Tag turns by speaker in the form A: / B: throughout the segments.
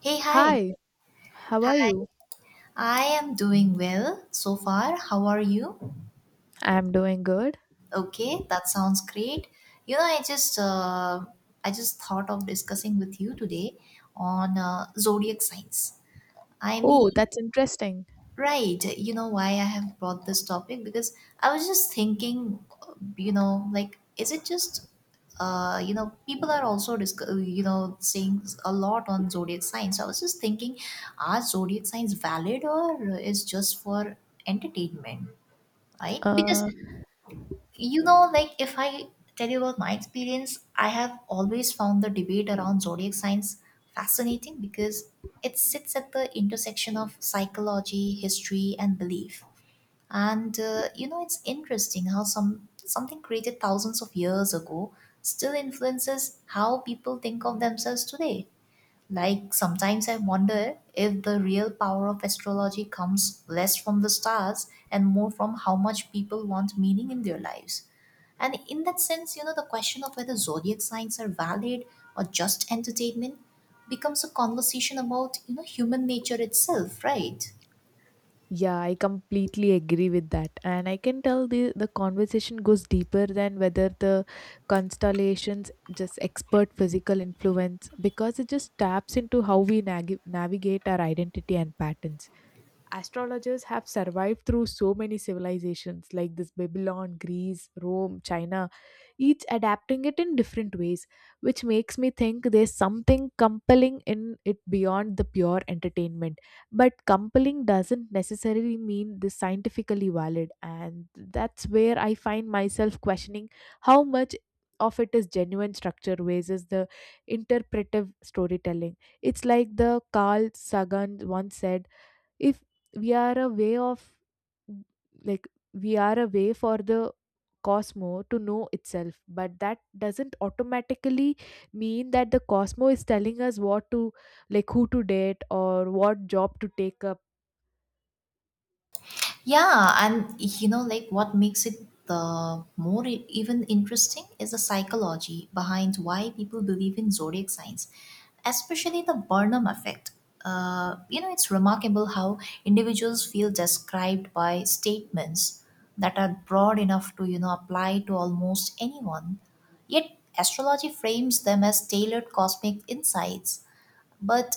A: Hey, hi.
B: Hi, how are
A: Hi.
B: you?
A: I am doing well so far. How are you?
B: I'm doing good.
A: Okay, that sounds great. I just I just thought of discussing with you today on zodiac signs. I mean.
B: Oh, that's interesting.
A: Right. You know why I have brought this topic? Because I was just thinking, like, is it just, people are also, saying a lot on zodiac signs. So I was just thinking, are zodiac signs valid or is just for entertainment, right? Because,
B: Uh,
A: like, if I tell you about my experience, I have always found the debate around zodiac signs fascinating because it sits at the intersection of psychology, history, and belief, and it's interesting how something created thousands of years ago still influences how people think of themselves today. Like sometimes I wonder if the real power of astrology comes less from the stars and more from how much people want meaning in their lives. And in that sense, the question of whether zodiac signs are valid or just entertainment becomes a conversation about, human nature itself, right?
B: yeah, I completely agree with that. And I can tell the conversation goes deeper than whether the constellations just expert physical influence because it just taps into how we navigate our identity and patterns. Astrologers have survived through so many civilizations like this Babylon, Greece, Rome, China, each adapting it in different ways, which makes me think there's something compelling in it beyond the pure entertainment. But compelling doesn't necessarily mean this scientifically valid, and that's where I find myself questioning how much of it is genuine structure versus the interpretive storytelling. It's like the Carl Sagan once said, if we are a way of like we are a way for the cosmo to know itself, but that doesn't automatically mean that the cosmo is telling us what to like who to date or what job to take up.
A: Yeah, and like what makes it the more even interesting is the psychology behind why people believe in zodiac signs, especially the Burnham effect. It's remarkable how individuals feel described by statements that are broad enough to, apply to almost anyone. Yet, astrology frames them as tailored cosmic insights, but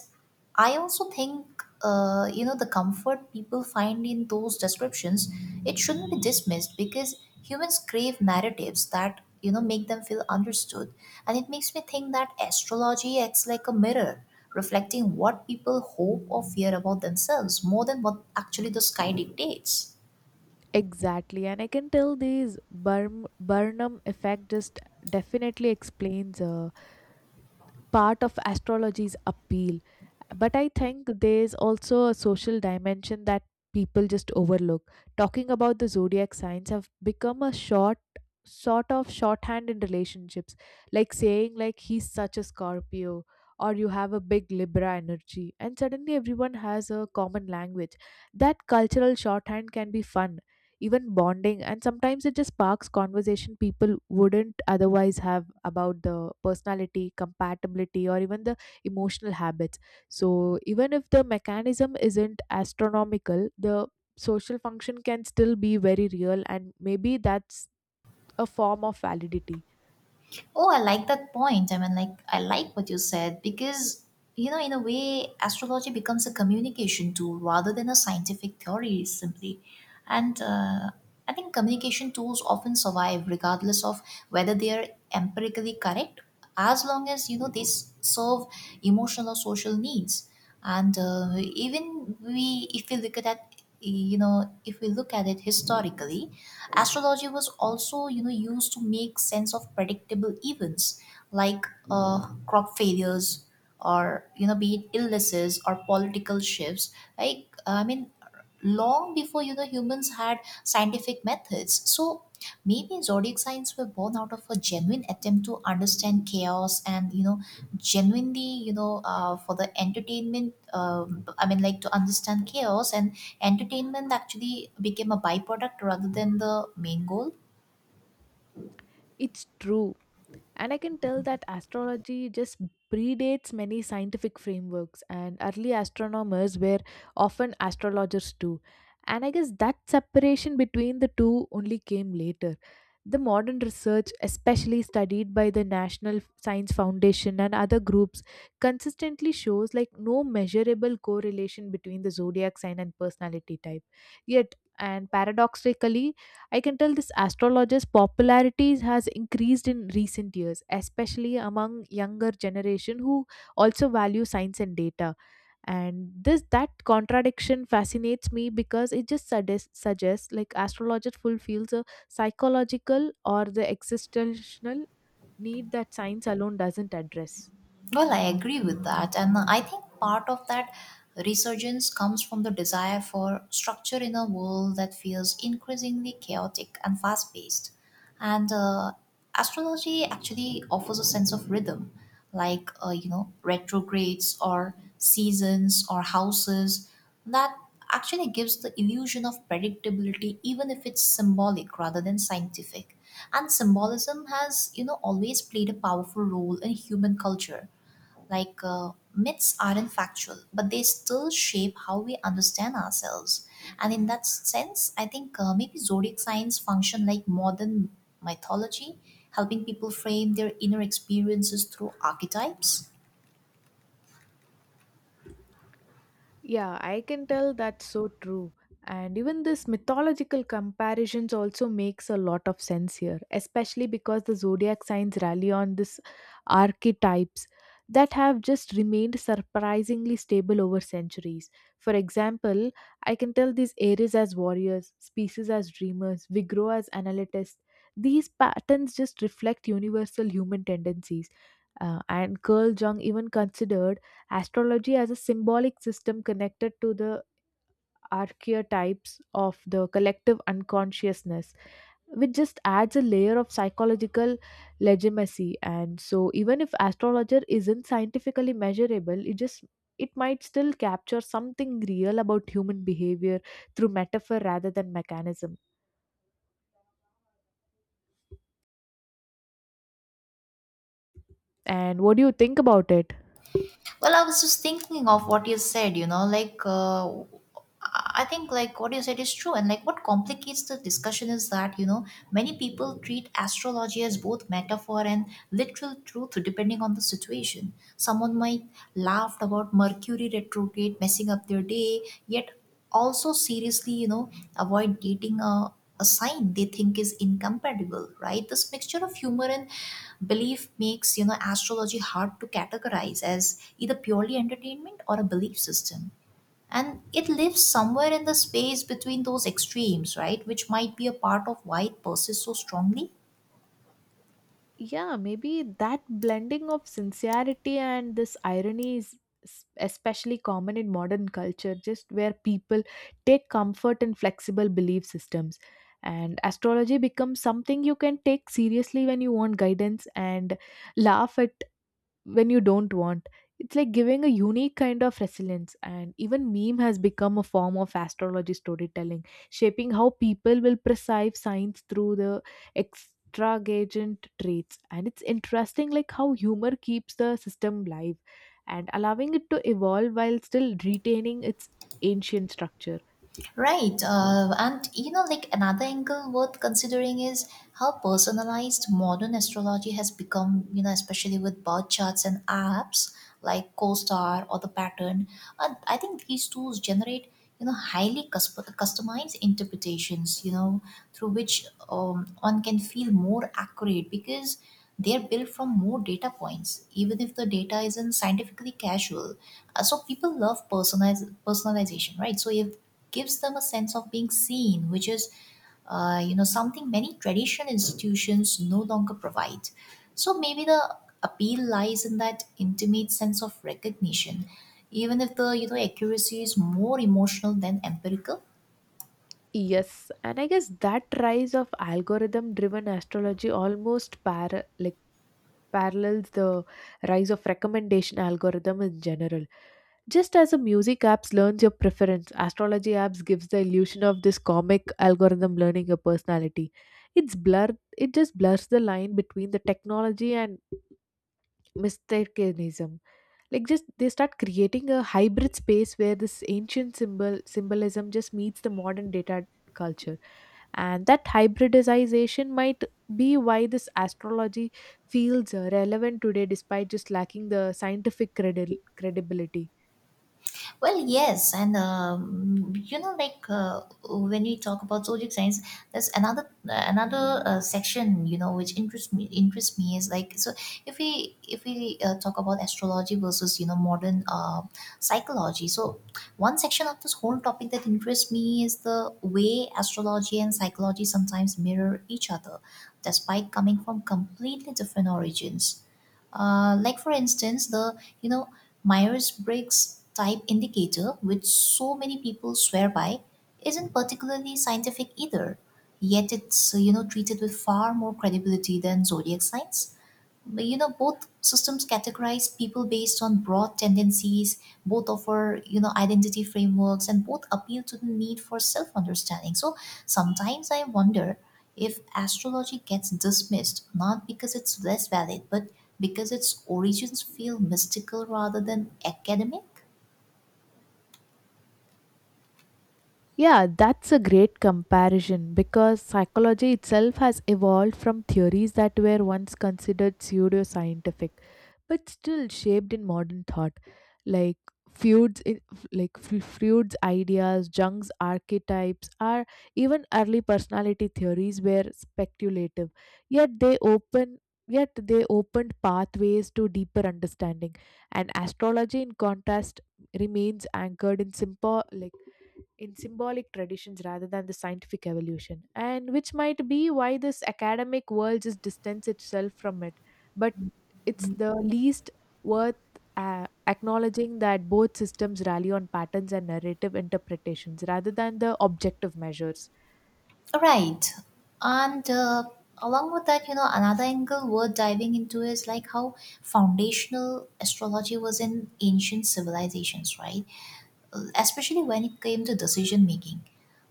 A: I also think the comfort people find in those descriptions, it shouldn't be dismissed because humans crave narratives that make them feel understood. And it makes me think that astrology acts like a mirror, reflecting what people hope or fear about themselves more than what actually the sky dictates.
B: Exactly, and I can tell this Burn- burnham effect just definitely explains part of astrology's appeal. But I think there's also a social dimension that people just overlook. Talking about the zodiac signs have become a shorthand in relationships, like saying like he's such a Scorpio or you have a big Libra energy, and suddenly everyone has a common language. That cultural shorthand can be fun, even bonding, and sometimes it just sparks conversation people wouldn't otherwise have about the personality compatibility or even the emotional habits. So even if the mechanism isn't astronomical, the social function can still be very real, and maybe that's a form of validity.
A: Oh, I like that point. I mean, like, I like what you said because, in a way, astrology becomes a communication tool rather than a scientific theory, simply. And I think communication tools often survive regardless of whether they are empirically correct, as long as they serve emotional or social needs. And even we if we look at that, if we look at it historically, astrology was also used to make sense of predictable events like crop failures, or be it illnesses or political shifts, like I mean, long before humans had scientific methods. So maybe zodiac signs were born out of a genuine attempt to understand chaos and genuinely, for the entertainment. um I mean, like, to understand chaos, and entertainment actually became a byproduct rather than the main goal.
B: It's true. And I can tell that astrology just predates many scientific frameworks, and early astronomers were often astrologers too. And I guess that separation between the two only came later. The modern research, especially studied by the National Science Foundation and other groups, consistently shows like no measurable correlation between the zodiac sign and personality type. Yet, and paradoxically, I can tell this astrologer's popularity has increased in recent years, especially among younger generation who also value science and data. And this that contradiction fascinates me because it just suggests like astrologer fulfills a psychological or the existential need that science alone doesn't address.
A: Well, I agree with that. And I think part of that resurgence comes from the desire for structure in a world that feels increasingly chaotic and fast paced. And astrology actually offers a sense of rhythm, like, retrogrades or seasons or houses that actually gives the illusion of predictability, even if it's symbolic rather than scientific. And symbolism has, always played a powerful role in human culture, like, myths aren't factual, but they still shape how we understand ourselves. And in that sense, I think maybe zodiac signs function like modern mythology, helping people frame their inner experiences through archetypes.
B: Yeah, I can tell that's so true. And even this mythological comparisons also makes a lot of sense here, especially because the zodiac signs rally on this archetypes that have just remained surprisingly stable over centuries. For example, I can tell these Aries as warriors, Species as dreamers, Vigro as analytists. These patterns just reflect universal human tendencies. And Carl Jung even considered astrology as a symbolic system connected to the archetypes of the collective unconsciousness, which just adds a layer of psychological legitimacy. And so, even if astrologer isn't scientifically measurable, it might still capture something real about human behavior through metaphor rather than mechanism. And what do you think about it?
A: Well, I was just thinking of what you said, like, I think like what you said is true. And like what complicates the discussion is that, many people treat astrology as both metaphor and literal truth depending on the situation. Someone might laugh about Mercury retrograde messing up their day, yet also seriously avoid dating a sign they think is incompatible, right? This mixture of humor and belief makes astrology hard to categorize as either purely entertainment or a belief system, and it lives somewhere in the space between those extremes, right, which might be a part of why it persists so strongly.
B: Yeah, maybe that blending of sincerity and this irony is especially common in modern culture, just where people take comfort in flexible belief systems, and astrology becomes something you can take seriously when you want guidance and laugh at when you don't want. It's like giving a unique kind of resilience, and even meme has become a form of astrology storytelling, shaping how people will perceive signs through the extravagant traits. And it's interesting, like how humor keeps the system live and allowing it to evolve while still retaining its ancient structure.
A: Right. And like another angle worth considering is how personalized modern astrology has become, especially with birth charts and apps like CoStar or The Pattern. And I think these tools generate, highly customized interpretations, through which one can feel more accurate because they're built from more data points, even if the data isn't scientifically casual. So people love personalization, right? So if gives them a sense of being seen, which is, something many traditional institutions no longer provide. So maybe the appeal lies in that intimate sense of recognition, even if the accuracy is more emotional than empirical.
B: Yes, and I guess that rise of algorithm driven astrology almost parallels the rise of recommendation algorithm in general. Just as a music apps learns your preference, astrology apps gives the illusion of this comic algorithm learning your personality. It just blurs the line between the technology and mistakenism. Like just they start creating a hybrid space where this ancient symbolism just meets the modern data culture, and that hybridization might be why this astrology feels relevant today despite just lacking the scientific credibility.
A: Well, yes, and like when we talk about zodiac signs, there's another another section which interests me is like. So if we talk about astrology versus modern psychology. So one section of this whole topic that interests me is the way astrology and psychology sometimes mirror each other, despite coming from completely different origins. Like for instance, the Myers-Briggs type indicator, which so many people swear by, isn't particularly scientific either. Yet it's treated with far more credibility than zodiac signs. But both systems categorize people based on broad tendencies, both offer, identity frameworks, and both appeal to the need for self understanding. So sometimes I wonder if astrology gets dismissed not because it's less valid, but because its origins feel mystical rather than academic.
B: Yeah, that's a great comparison because psychology itself has evolved from theories that were once considered pseudoscientific but still shaped in modern thought. Like Freud's, I- f- like F- Freud's ideas, Jung's archetypes, or even early personality theories were speculative, yet they open yet they opened pathways to deeper understanding. And astrology in contrast remains anchored in simple like in symbolic traditions rather than the scientific evolution, and which might be why this academic world just distanced itself from it. But it's the least worth acknowledging that both systems rally on patterns and narrative interpretations rather than the objective measures.
A: Right. And along with that, another angle worth diving into is like how foundational astrology was in ancient civilizations, right? Especially when it came to decision making.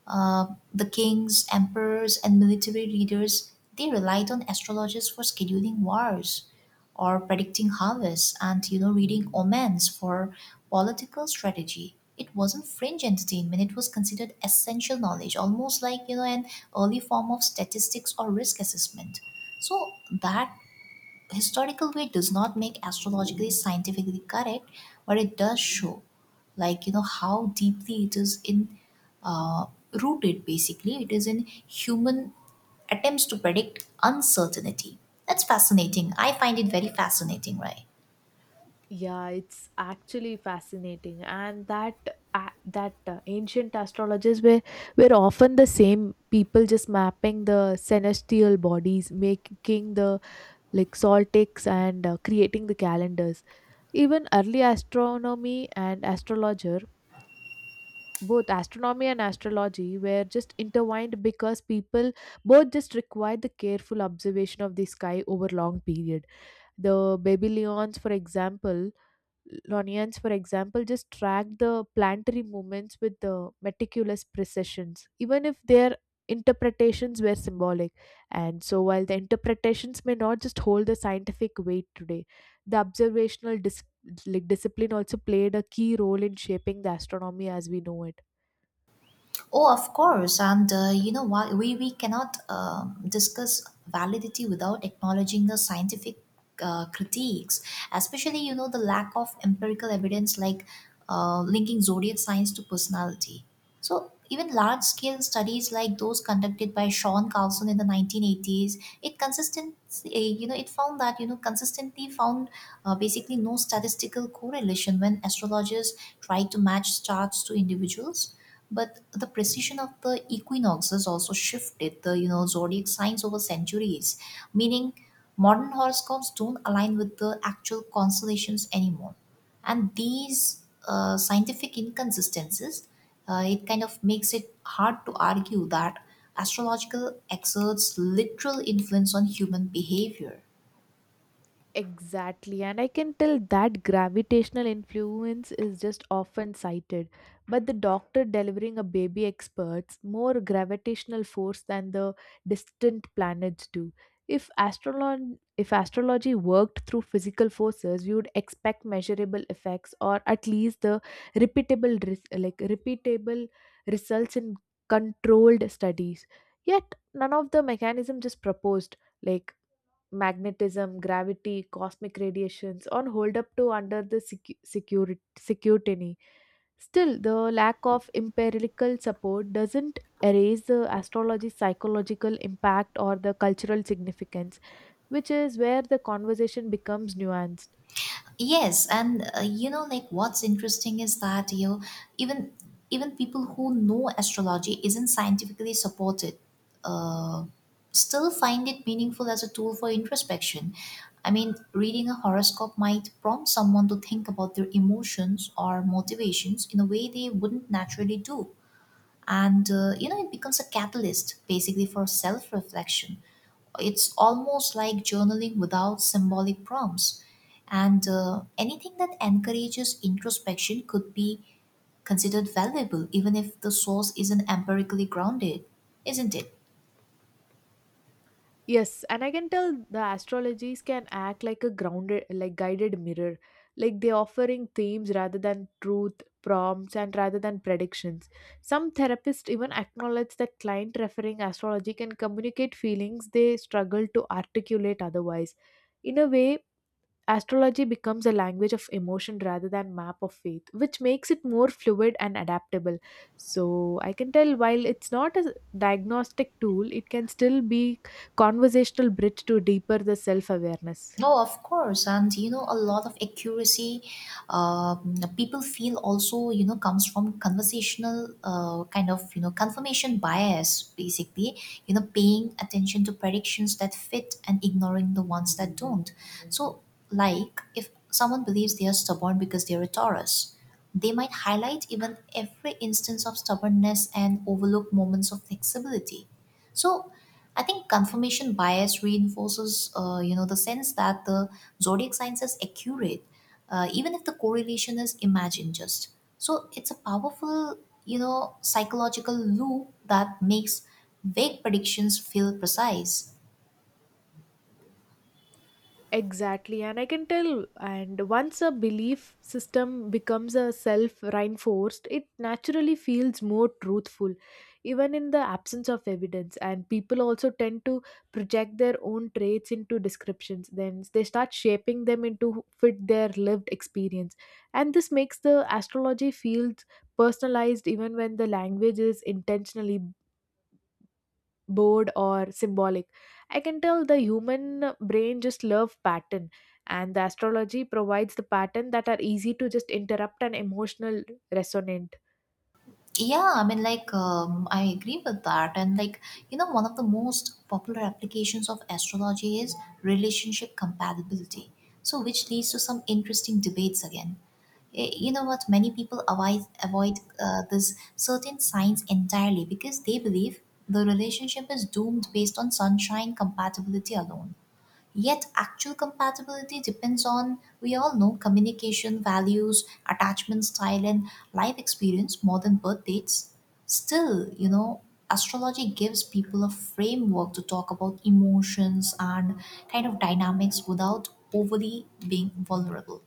A: The kings, emperors, and military leaders, they relied on astrologers for scheduling wars or predicting harvests and reading omens for political strategy. It wasn't fringe entertainment; it was considered essential knowledge, almost like an early form of statistics or risk assessment. So that historical way does not make astrologically scientifically correct, but it does show like how deeply it is in rooted, basically, it is in human attempts to predict uncertainty. That's fascinating. I find it very fascinating, right?
B: Yeah, it's actually fascinating, and that ancient astrologers were often the same people, just mapping the celestial bodies, making the like solstices and creating the calendars. Even early astronomy and astrologer, both astronomy and astrology were just intertwined because people both just required the careful observation of the sky over long period. The Babylonians, for example, just track the planetary movements with the meticulous precisions, even if their interpretations were symbolic. And so, while the interpretations may not just hold the scientific weight today, the observational discipline also played a key role in shaping the astronomy as we know it.
A: Oh, of course. And you know what? We cannot discuss validity without acknowledging the scientific critiques, especially, the lack of empirical evidence like linking zodiac signs to personality. So even large scale studies like those conducted by Sean Carlson in the 1980s, it consistent, eh, you know, it found that consistently found basically no statistical correlation when astrologers tried to match charts to individuals. But the precision of the equinoxes also shifted the zodiac signs over centuries, meaning modern horoscopes don't align with the actual constellations anymore. And these scientific inconsistencies, it kind of makes it hard to argue that astrological exerts literal influence on human behavior.
B: Exactly, and I can tell that gravitational influence is just often cited, but the doctor delivering a baby experts more gravitational force than the distant planets do. If astrology worked through physical forces, we would expect measurable effects or at least the repeatable results in controlled studies. Yet none of the mechanism just proposed, like magnetism, gravity, cosmic radiations, on hold up to under the security. Still, the lack of empirical support doesn't erase the astrology's psychological impact or the cultural significance, which is where the conversation becomes nuanced.
A: Yes, and like what's interesting is that even even people who know astrology isn't scientifically supported, uh, still find it meaningful as a tool for introspection. I mean, reading a horoscope might prompt someone to think about their emotions or motivations in a way they wouldn't naturally do. And it becomes a catalyst basically for self reflection. It's almost like journaling without symbolic prompts. And anything that encourages introspection could be considered valuable, even if the source isn't empirically grounded, isn't it?
B: Yes, and I can tell the astrologies can act like a grounded, like guided mirror. Like they offering themes rather than truth, prompts, and rather than predictions. Some therapists even acknowledge that client referring astrology can communicate feelings they struggle to articulate otherwise. In a way, astrology becomes a language of emotion rather than map of faith, which makes it more fluid and adaptable. So I can tell while it's not a diagnostic tool, it can still be conversational bridge to deeper the self awareness.
A: Oh, of course. And a lot of accuracy people feel also, comes from conversational kind of, confirmation bias, basically, paying attention to predictions that fit and ignoring the ones that don't. So, like, if someone believes they are stubborn because they're a Taurus, they might highlight even every instance of stubbornness and overlook moments of flexibility. So I think confirmation bias reinforces, the sense that the zodiac signs is accurate, even if the correlation is imagined just. So it's a powerful, psychological loop that makes vague predictions feel precise.
B: Exactly, and I can tell. And once a belief system becomes a self reinforced, it naturally feels more truthful, even in the absence of evidence. And people also tend to project their own traits into descriptions, then they start shaping them into fit their lived experience. And this makes the astrology feels personalized even when the language is intentionally bored or symbolic. I can tell the human brain just love pattern, and the astrology provides the pattern that are easy to just interrupt an emotional resonant.
A: Yeah, I mean, like, I agree with that. And, like, one of the most popular applications of astrology is relationship compatibility. So, which leads to some interesting debates again. You know what? Many people avoid this certain signs entirely because they believe the relationship is doomed based on sunshine compatibility alone. Yet actual compatibility depends on, we all know, communication, values, attachment style, and life experience more than birth dates. Still, astrology gives people a framework to talk about emotions and kind of dynamics without overly being vulnerable.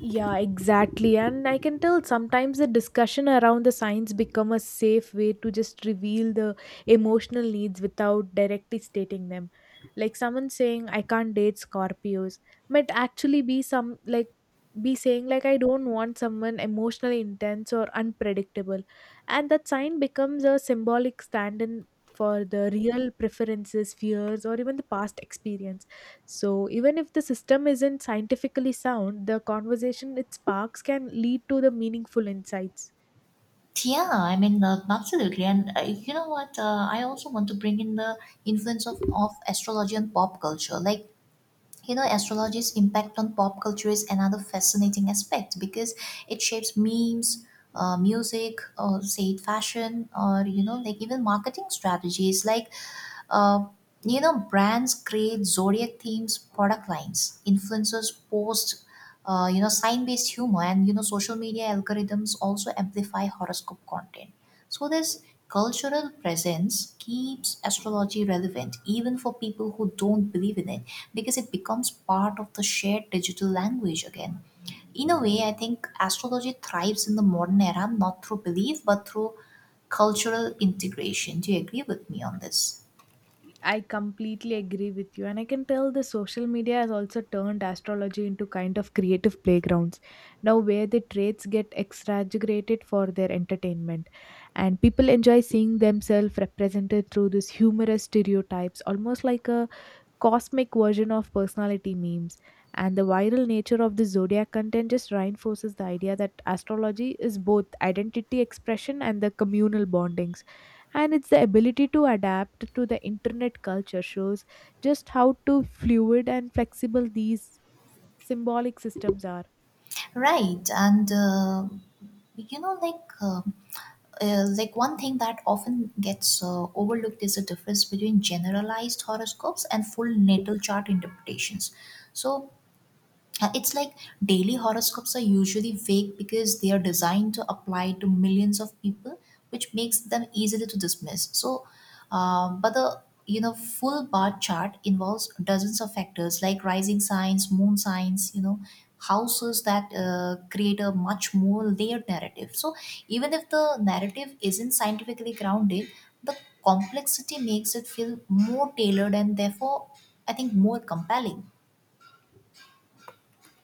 B: Yeah, exactly. And I can tell sometimes the discussion around the science become a safe way to just reveal the emotional needs without directly stating them. Like someone saying, I can't date Scorpios, might actually be saying like I don't want someone emotionally intense or unpredictable. And that sign becomes a symbolic stand in for the real preferences, fears, or even the past experience. So, even if the system isn't scientifically sound, the conversation it sparks can lead to the meaningful insights.
A: Yeah, I mean, absolutely. And you know what? I also want to bring in the influence of astrology and pop culture. Like, you know astrology's impact on pop culture is another fascinating aspect because it shapes memes, music, or say fashion, or you know, like even marketing strategies like uh, you know, brands create zodiac themes, product lines. Influencers post, you know, sign-based humor, and you know, social media algorithms also amplify horoscope content. So this cultural presence keeps astrology relevant even for people who don't believe in it, because it becomes part of the shared digital language again. In a way, I think astrology thrives in the modern era not through belief but through cultural integration. Do you agree with me on this?
B: I completely agree with you, and I can tell the social media has also turned astrology into kind of creative playgrounds now, where the traits get exaggerated for their entertainment, and people enjoy seeing themselves represented through these humorous stereotypes, almost like a cosmic version of personality memes. And the viral nature of the zodiac content just reinforces the idea that astrology is both identity expression and the communal bondings, and it's the ability to adapt to the internet culture shows just how to fluid and flexible these symbolic systems are.
A: Right, and you know, like uh, like one thing that often gets overlooked is the difference between generalized horoscopes and full natal chart interpretations. So it's like daily horoscopes are usually fake because they are designed to apply to millions of people, which makes them easily to dismiss. So, but the you know full bar chart involves dozens of factors like rising signs, moon signs, you know, houses that create a much more layered narrative. So even if the narrative isn't scientifically grounded, the complexity makes it feel more tailored and therefore, I think, more compelling.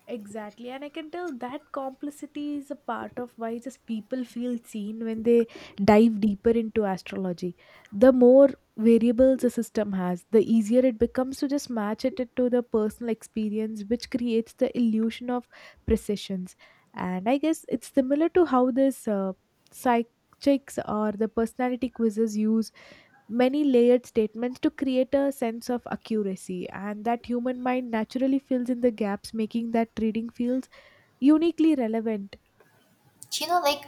B: Exactly, and I can tell that complicity is a part of why just people feel seen when they dive deeper into astrology. The more variables a system has, the easier it becomes to just match it to the personal experience, which creates the illusion of precisions. And I guess it's similar to how this psych checks or the personality quizzes use many layered statements to create a sense of accuracy, and that human mind naturally fills in the gaps, making that reading feels uniquely relevant.
A: You know, like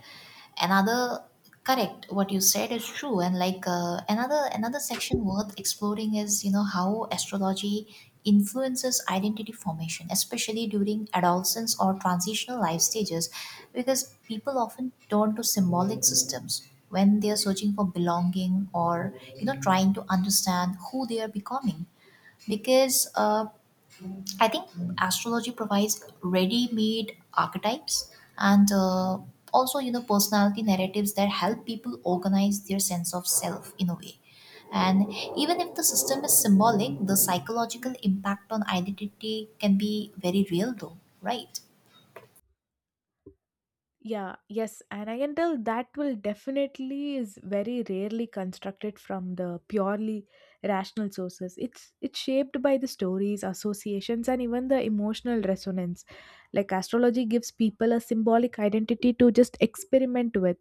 A: another correct what you said is true, and like another section worth exploring is you know how astrology influences identity formation, especially during adolescence or transitional life stages, because people often turn to symbolic systems when they are searching for belonging, or you know, trying to understand who they are becoming. Because I think astrology provides ready-made archetypes, and also you know personality narratives that help people organize their sense of self in a way. And even if the system is symbolic, the psychological impact on identity can be very real though, right?
B: Yeah, yes, and I can tell that will definitely is very rarely constructed from the purely rational sources. It's shaped by the stories, associations, and even the emotional resonance. Like astrology gives people a symbolic identity to just experiment with,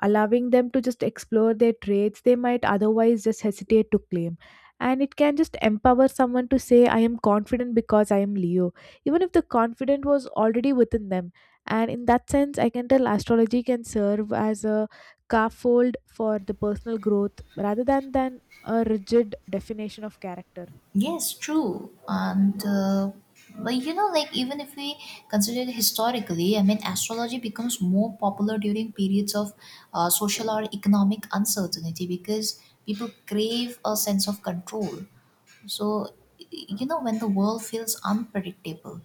B: allowing them to just explore their traits they might otherwise just hesitate to claim. And it can just empower someone to say, I am confident because I am Leo, even if the confident was already within them. And in that sense, I can tell astrology can serve as a scaffold for the personal growth rather than a rigid definition of character.
A: Yes, true. And, but you know, like even if we consider it historically, I mean, astrology becomes more popular during periods of social or economic uncertainty because people crave a sense of control. So, you know, when the world feels unpredictable,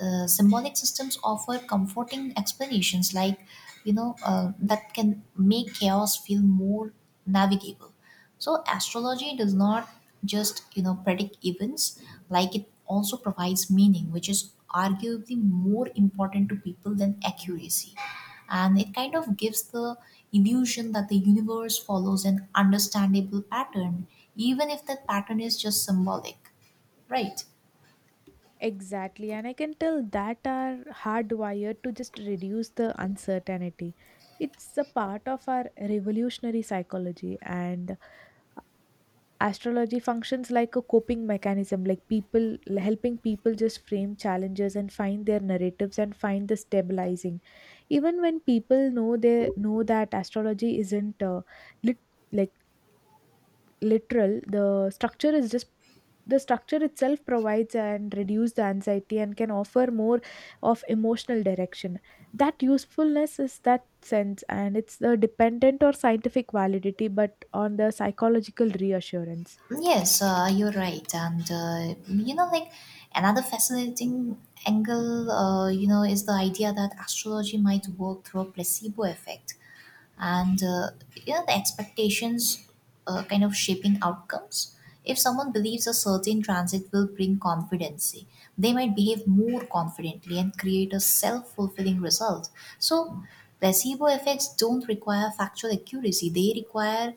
A: symbolic systems offer comforting explanations like you know that can make chaos feel more navigable. So astrology does not just you know predict events, like it also provides meaning, which is arguably more important to people than accuracy, and it kind of gives the illusion that the universe follows an understandable pattern, even if that pattern is just symbolic, right?
B: Exactly, and I can tell that are hardwired to just reduce the uncertainty. It's a part of our revolutionary psychology, and astrology functions like a coping mechanism, like people helping people just frame challenges and find their narratives and find the stabilizing, even when people know they know that astrology isn't lit, like literal. The structure is just the structure itself provides and reduce the anxiety and can offer more of emotional direction. That usefulness is that sense, and it's the dependent or scientific validity but on the psychological reassurance.
A: Yes, you're right. And, you know, like another fascinating angle, you know, is the idea that astrology might work through a placebo effect, and you know the expectations kind of shaping outcomes. If someone believes a certain transit will bring confidence, they might behave more confidently and create a self-fulfilling result. So placebo effects don't require factual accuracy, they require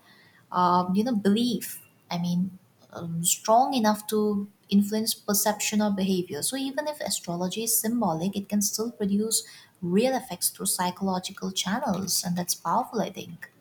A: you know belief. I mean, strong enough to influence perception or behavior. So even if astrology is symbolic, it can still produce real effects through psychological channels, and that's powerful, I think.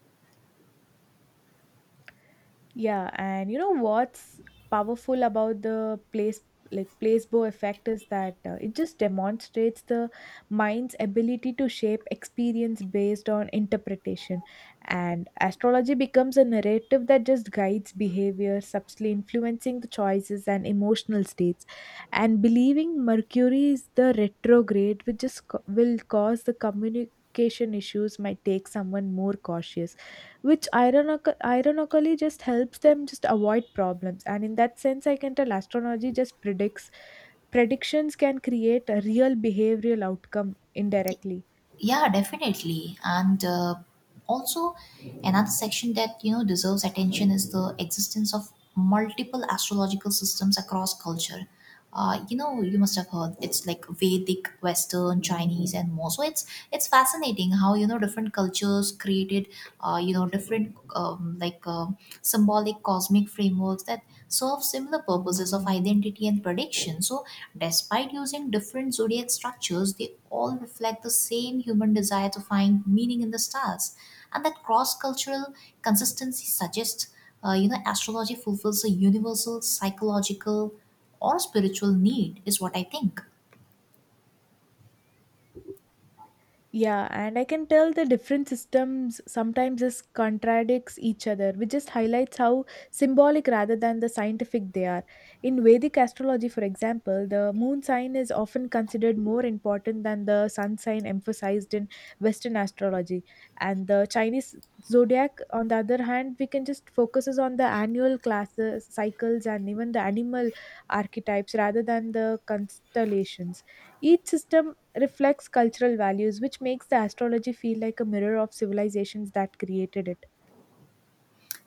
B: Yeah, and you know what's powerful about the placebo effect is that it just demonstrates the mind's ability to shape experience based on interpretation, and astrology becomes a narrative that just guides behavior, subtly influencing the choices and emotional states. And believing mercury is the retrograde, which just will cause the communication issues, might take someone more cautious, which ironically just helps them just avoid problems. And in that sense, I can tell astrology just predicts predictions can create a real behavioral outcome indirectly.
A: Yeah, definitely. And also, another section that you know deserves attention is the existence of multiple astrological systems across culture. You know, you must have heard it's like Vedic, Western, Chinese, and more. So it's fascinating how you know different cultures created, you know, different symbolic cosmic frameworks that serve similar purposes of identity and prediction. So despite using different zodiac structures, they all reflect the same human desire to find meaning in the stars. And that cross-cultural consistency suggests, you know, astrology fulfills a universal psychological or spiritual need, is what I think.
B: Yeah, and I can tell the different systems sometimes just contradicts each other, which just highlights how symbolic rather than the scientific they are. In Vedic astrology, for example, the moon sign is often considered more important than the sun sign emphasized in Western astrology. And the Chinese zodiac, on the other hand, we can just focuses on the annual classes, cycles, and even the animal archetypes rather than the constellations. Each system reflects cultural values, which makes the astrology feel like a mirror of civilizations that created it.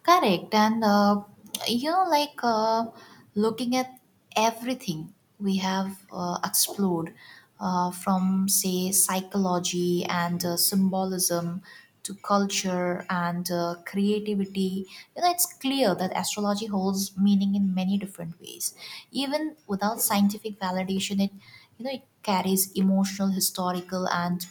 A: Correct. And, you know, like uh, looking at everything we have explored, from, say, psychology and symbolism to culture and creativity, you know, it's clear that astrology holds meaning in many different ways. Even without scientific validation, it, you know, it carries emotional, historical, and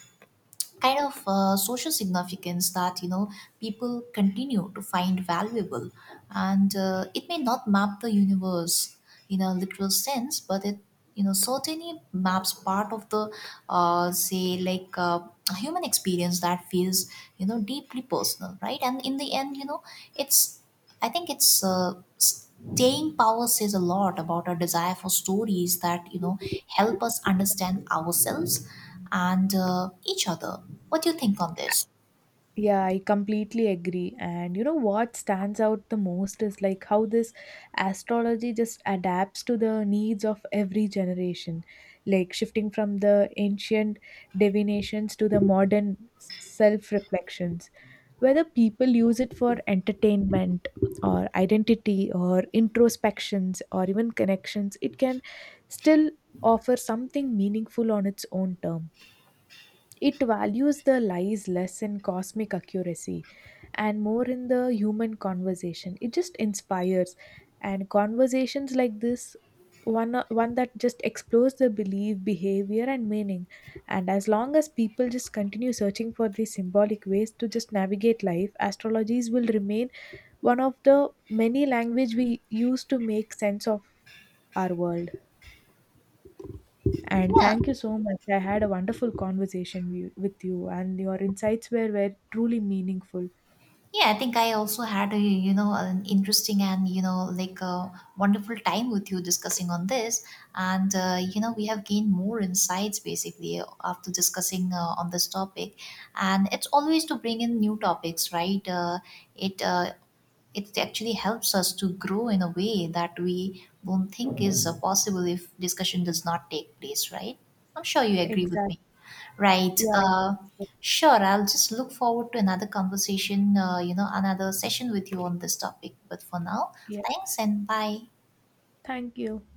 A: kind of social significance that you know people continue to find valuable. And it may not map the universe in a literal sense, but it you know certainly maps part of the say like a human experience that feels you know deeply personal, right? And in the end, you know, it's I think it's staying power says a lot about our desire for stories that you know help us understand ourselves and each other. What do you think on this?
B: Yeah, I completely agree. And you know what stands out the most is like how this astrology just adapts to the needs of every generation, like shifting from the ancient divinations to the modern self reflections. Whether people use it for entertainment or identity or introspections or even connections, it can still offer something meaningful on its own term. It values the lies less in cosmic accuracy and more in the human conversation it just inspires, and conversations like this one that just explores the belief behavior and meaning. And as long as people just continue searching for these symbolic ways to just navigate life, astrologies will remain one of the many language we use to make sense of our world. And
A: Yeah,
B: thank you so much, I had a wonderful conversation with you, and your insights were truly meaningful.
A: Yeah, I think I also had a you know an interesting and you know like a wonderful time with you discussing on this, and you know we have gained more insights basically after discussing on this topic, and it's always to bring in new topics, right? It uh, it actually helps us to grow in a way that we won't think is possible if discussion does not take place, right? I'm sure you agree with
B: Exactly.
A: me. Right.
B: Yeah. I-
A: Sure. I'll just look forward to another conversation, you know, another session with you on this topic. But for now,
B: yeah.
A: thanks and bye.
B: Thank you.